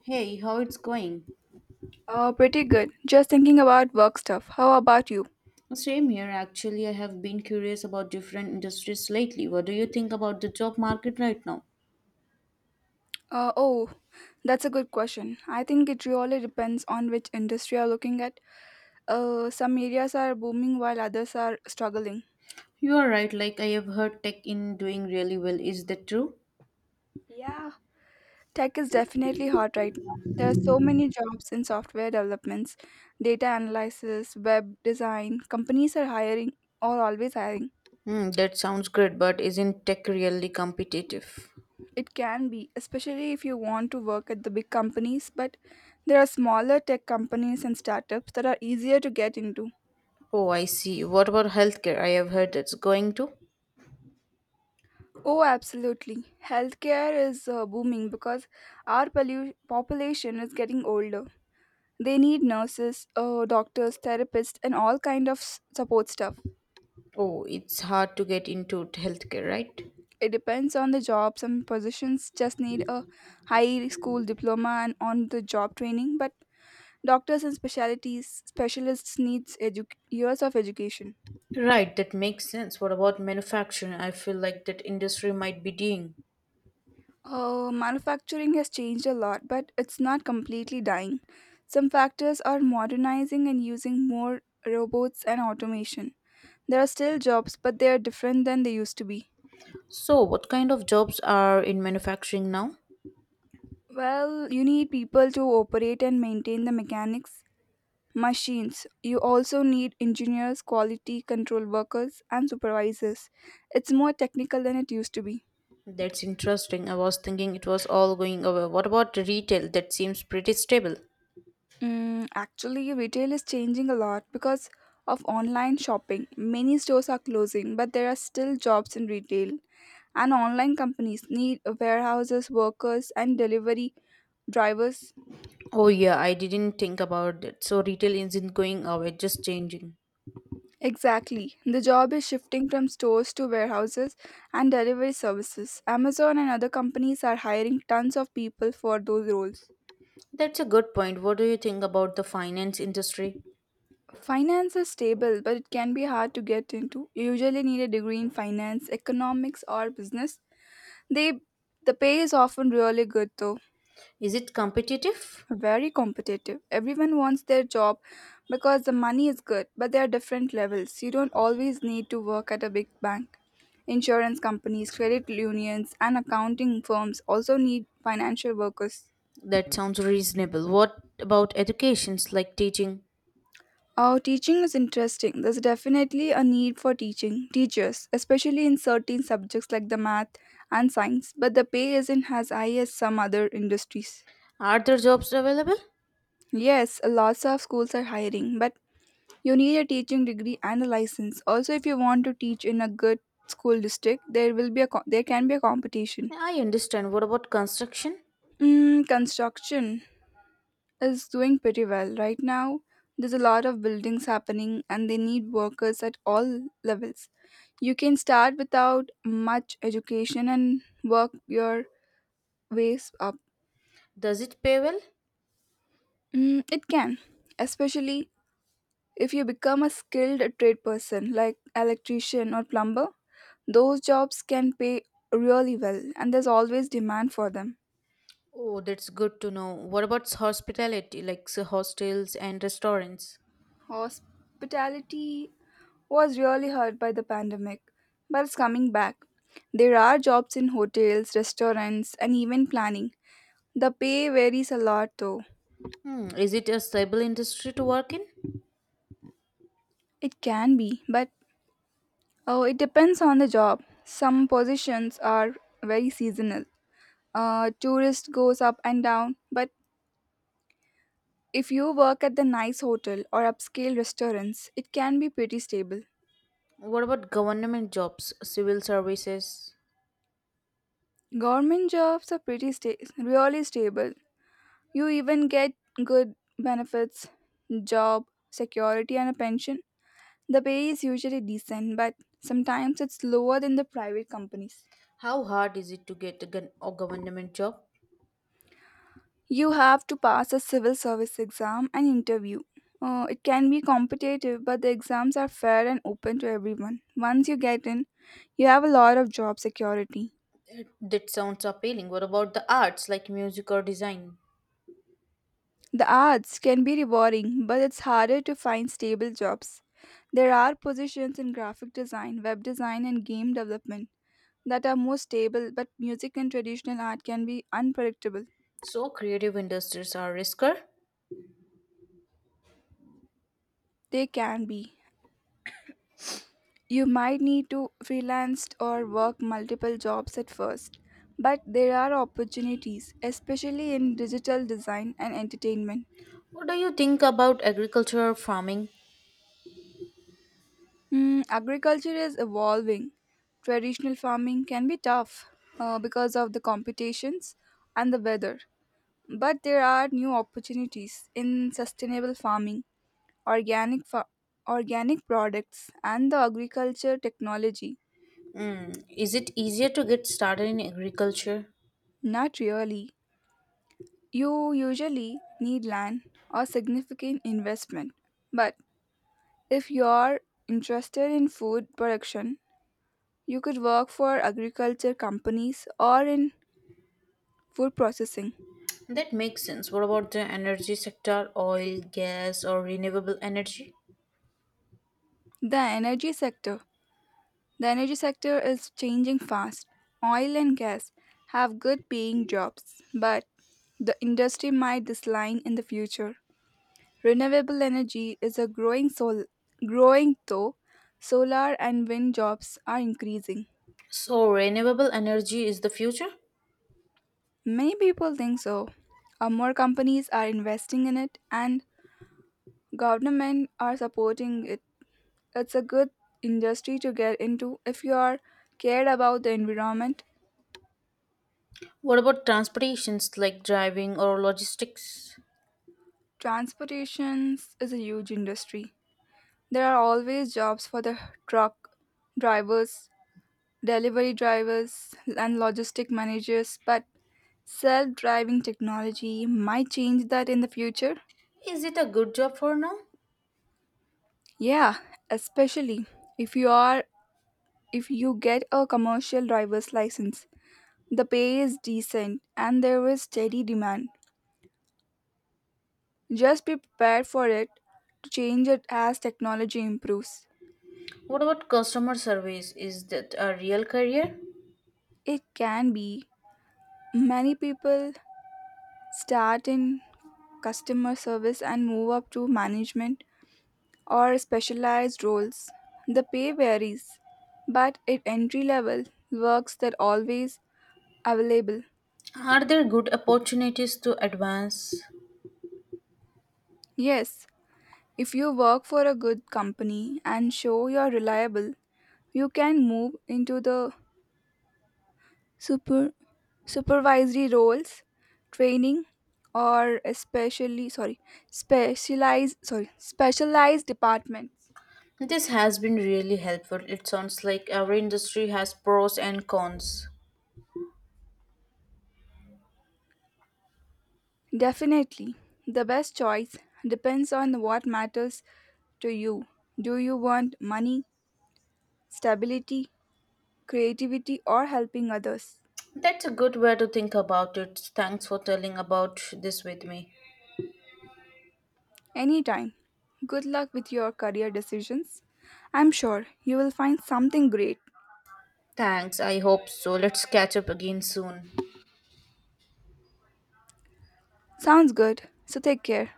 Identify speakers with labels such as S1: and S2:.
S1: Hey, how it's going?
S2: Pretty good. Just thinking about work stuff. How about you?
S1: Same here. Actually, I have been curious about different industries lately. What do you think about the job market right now?
S2: Uh, oh, that's a good question. I think it really depends on which industry you're looking at. Some areas are booming while others are struggling.
S1: You are right. Like I have heard tech in doing really well. Is that true?
S2: Yeah, tech is definitely hot right now. There are so many jobs in software developments, data analysis, web design. Companies are hiring or always hiring.
S1: Hmm, that sounds good, but isn't tech really competitive?
S2: It can be, especially if you want to work at the big companies, but there are smaller tech companies and startups that are easier to get into.
S1: Oh, I see. What about healthcare? I have heard that's going to.
S2: Oh, absolutely. Healthcare is booming because our population is getting older. They need nurses, doctors, therapists, and all kind of support stuff.
S1: Oh, it's hard to get into healthcare, right?
S2: It depends on the job. Some positions just need a high school diploma and on-the-job training, but doctors and specialties specialists needs years of education.
S1: Right, that makes sense. What about manufacturing? I feel like that industry might be dying.
S2: Oh, manufacturing has changed a lot, but it's not completely dying. Some factors are modernizing and using more robots and automation. There are still jobs, but they are different than they used to be.
S1: So, what kind of jobs are in manufacturing now?
S2: Well, you need people to operate and maintain the machines. You also need engineers, quality control workers, and supervisors. It's more technical than it used to be.
S1: That's interesting. I was thinking it was all going away. What about retail? That seems pretty stable.
S2: Actually, retail is changing a lot because of online shopping. Many stores are closing, but there are still jobs in retail. And online companies need warehouses, workers, and delivery drivers.
S1: Oh, yeah, I didn't think about that. So, retail isn't going away, just changing.
S2: Exactly. The job is shifting from stores to warehouses and delivery services. Amazon and other companies are hiring tons of people for those roles.
S1: That's a good point. What do you think about the finance industry?
S2: Finance is stable, but it can be hard to get into. You usually need a degree in finance, economics, or business. They the pay is often really good though.
S1: Is it competitive?
S2: Very competitive. Everyone wants their job because the money is good, but there are different levels. You don't always need to work at a big bank. Insurance companies, credit unions, and accounting firms also need financial workers.
S1: That sounds reasonable. What about educations like teaching?
S2: Oh, teaching is interesting. There's definitely a need for teaching teachers, especially in certain subjects like the math and science, but the pay isn't as high as some other industries.
S1: Are there jobs available?
S2: Yes, lots of schools are hiring, but you need a teaching degree and a license. Also, if you want to teach in a good school district, there will be there can be a competition.
S1: I understand. What about construction?
S2: Construction is doing pretty well right now. There's a lot of buildings happening, and they need workers at all levels. You can start without much education and work your ways up.
S1: Does it pay well?
S2: It can, especially if you become a skilled trade person like electrician or plumber. Those jobs can pay really well, and there's always demand for them.
S1: Oh, that's good to know. What about hospitality, like so hostels and restaurants?
S2: Hospitality was really hurt by the pandemic, but it's coming back. There are jobs in hotels, restaurants, and even planning. The pay varies a lot though.
S1: Hmm. Is it a stable industry to work in?
S2: It can be, but oh, it depends on the job. Some positions are very seasonal. Tourist goes up and down, but if you work at the nice hotel or upscale restaurants, it can be pretty stable.
S1: What about government jobs, civil services?
S2: Government jobs are pretty really stable. You even get good benefits, job security, and a pension. The pay is usually decent, but sometimes it's lower than the private companies.
S1: How hard is it to get a, a government job?
S2: You have to pass a civil service exam and interview. It can be competitive, but the exams are fair and open to everyone. Once you get in, you have a lot of job security.
S1: That sounds appealing. What about the arts like music or design?
S2: The arts can be rewarding, but it's harder to find stable jobs. There are positions in graphic design, web design, and game development that are more stable, but music and traditional art can be unpredictable.
S1: So creative industries are riskier.
S2: They can be. You might need to freelance or work multiple jobs at first, but there are opportunities, especially in digital design and entertainment.
S1: What do you think about agriculture or farming?
S2: Agriculture is evolving. Traditional farming can be tough because of the competitions and the weather. But there are new opportunities in sustainable farming, organic fa- organic products, and the agriculture technology.
S1: Hmm. Is it easier to get started in agriculture?
S2: Not really. You usually need land or significant investment. But if you're interested in food production, you could work for agriculture companies or in food processing.
S1: That makes sense. What about the energy sector, oil, gas, or renewable energy?
S2: The energy sector. The energy sector is changing fast. Oil and gas have good paying jobs, but the industry might decline in the future. Renewable energy is a growing though, solar and wind jobs are increasing.
S1: So, renewable energy is the future?
S2: Many people think so. More companies are investing in it and government are supporting it. It's a good industry to get into if you are cared about the environment.
S1: What about transportations like driving or logistics?
S2: Transportations is a huge industry. There are always jobs for the truck drivers, delivery drivers, and logistic managers, but self driving technology might change that in the future.
S1: Is it a good job for now?
S2: Yeah, especially if you are if you get a commercial driver's license. The pay is decent and there is steady demand. Just be prepared for it to change it as technology improves.
S1: What about customer service? Is that a real career?
S2: It can be. Many people start in customer service and move up to management or specialized roles. The pay varies, but at entry level works that always available.
S1: Are there good opportunities to advance?
S2: Yes, if you work for a good company and show you're reliable, you can move into the super supervisory roles, training or especially sorry, specialized departments.
S1: This has been really helpful. It sounds like every industry has pros and cons.
S2: Definitely. The best choice depends on what matters to you. Do you want money, stability, creativity, or helping others?
S1: That's a good way to think about it. Thanks for telling about this with me.
S2: Anytime. Good luck with your career decisions. I'm sure you will find something great.
S1: Thanks, I hope so. Let's catch up again soon.
S2: Sounds good. So take care.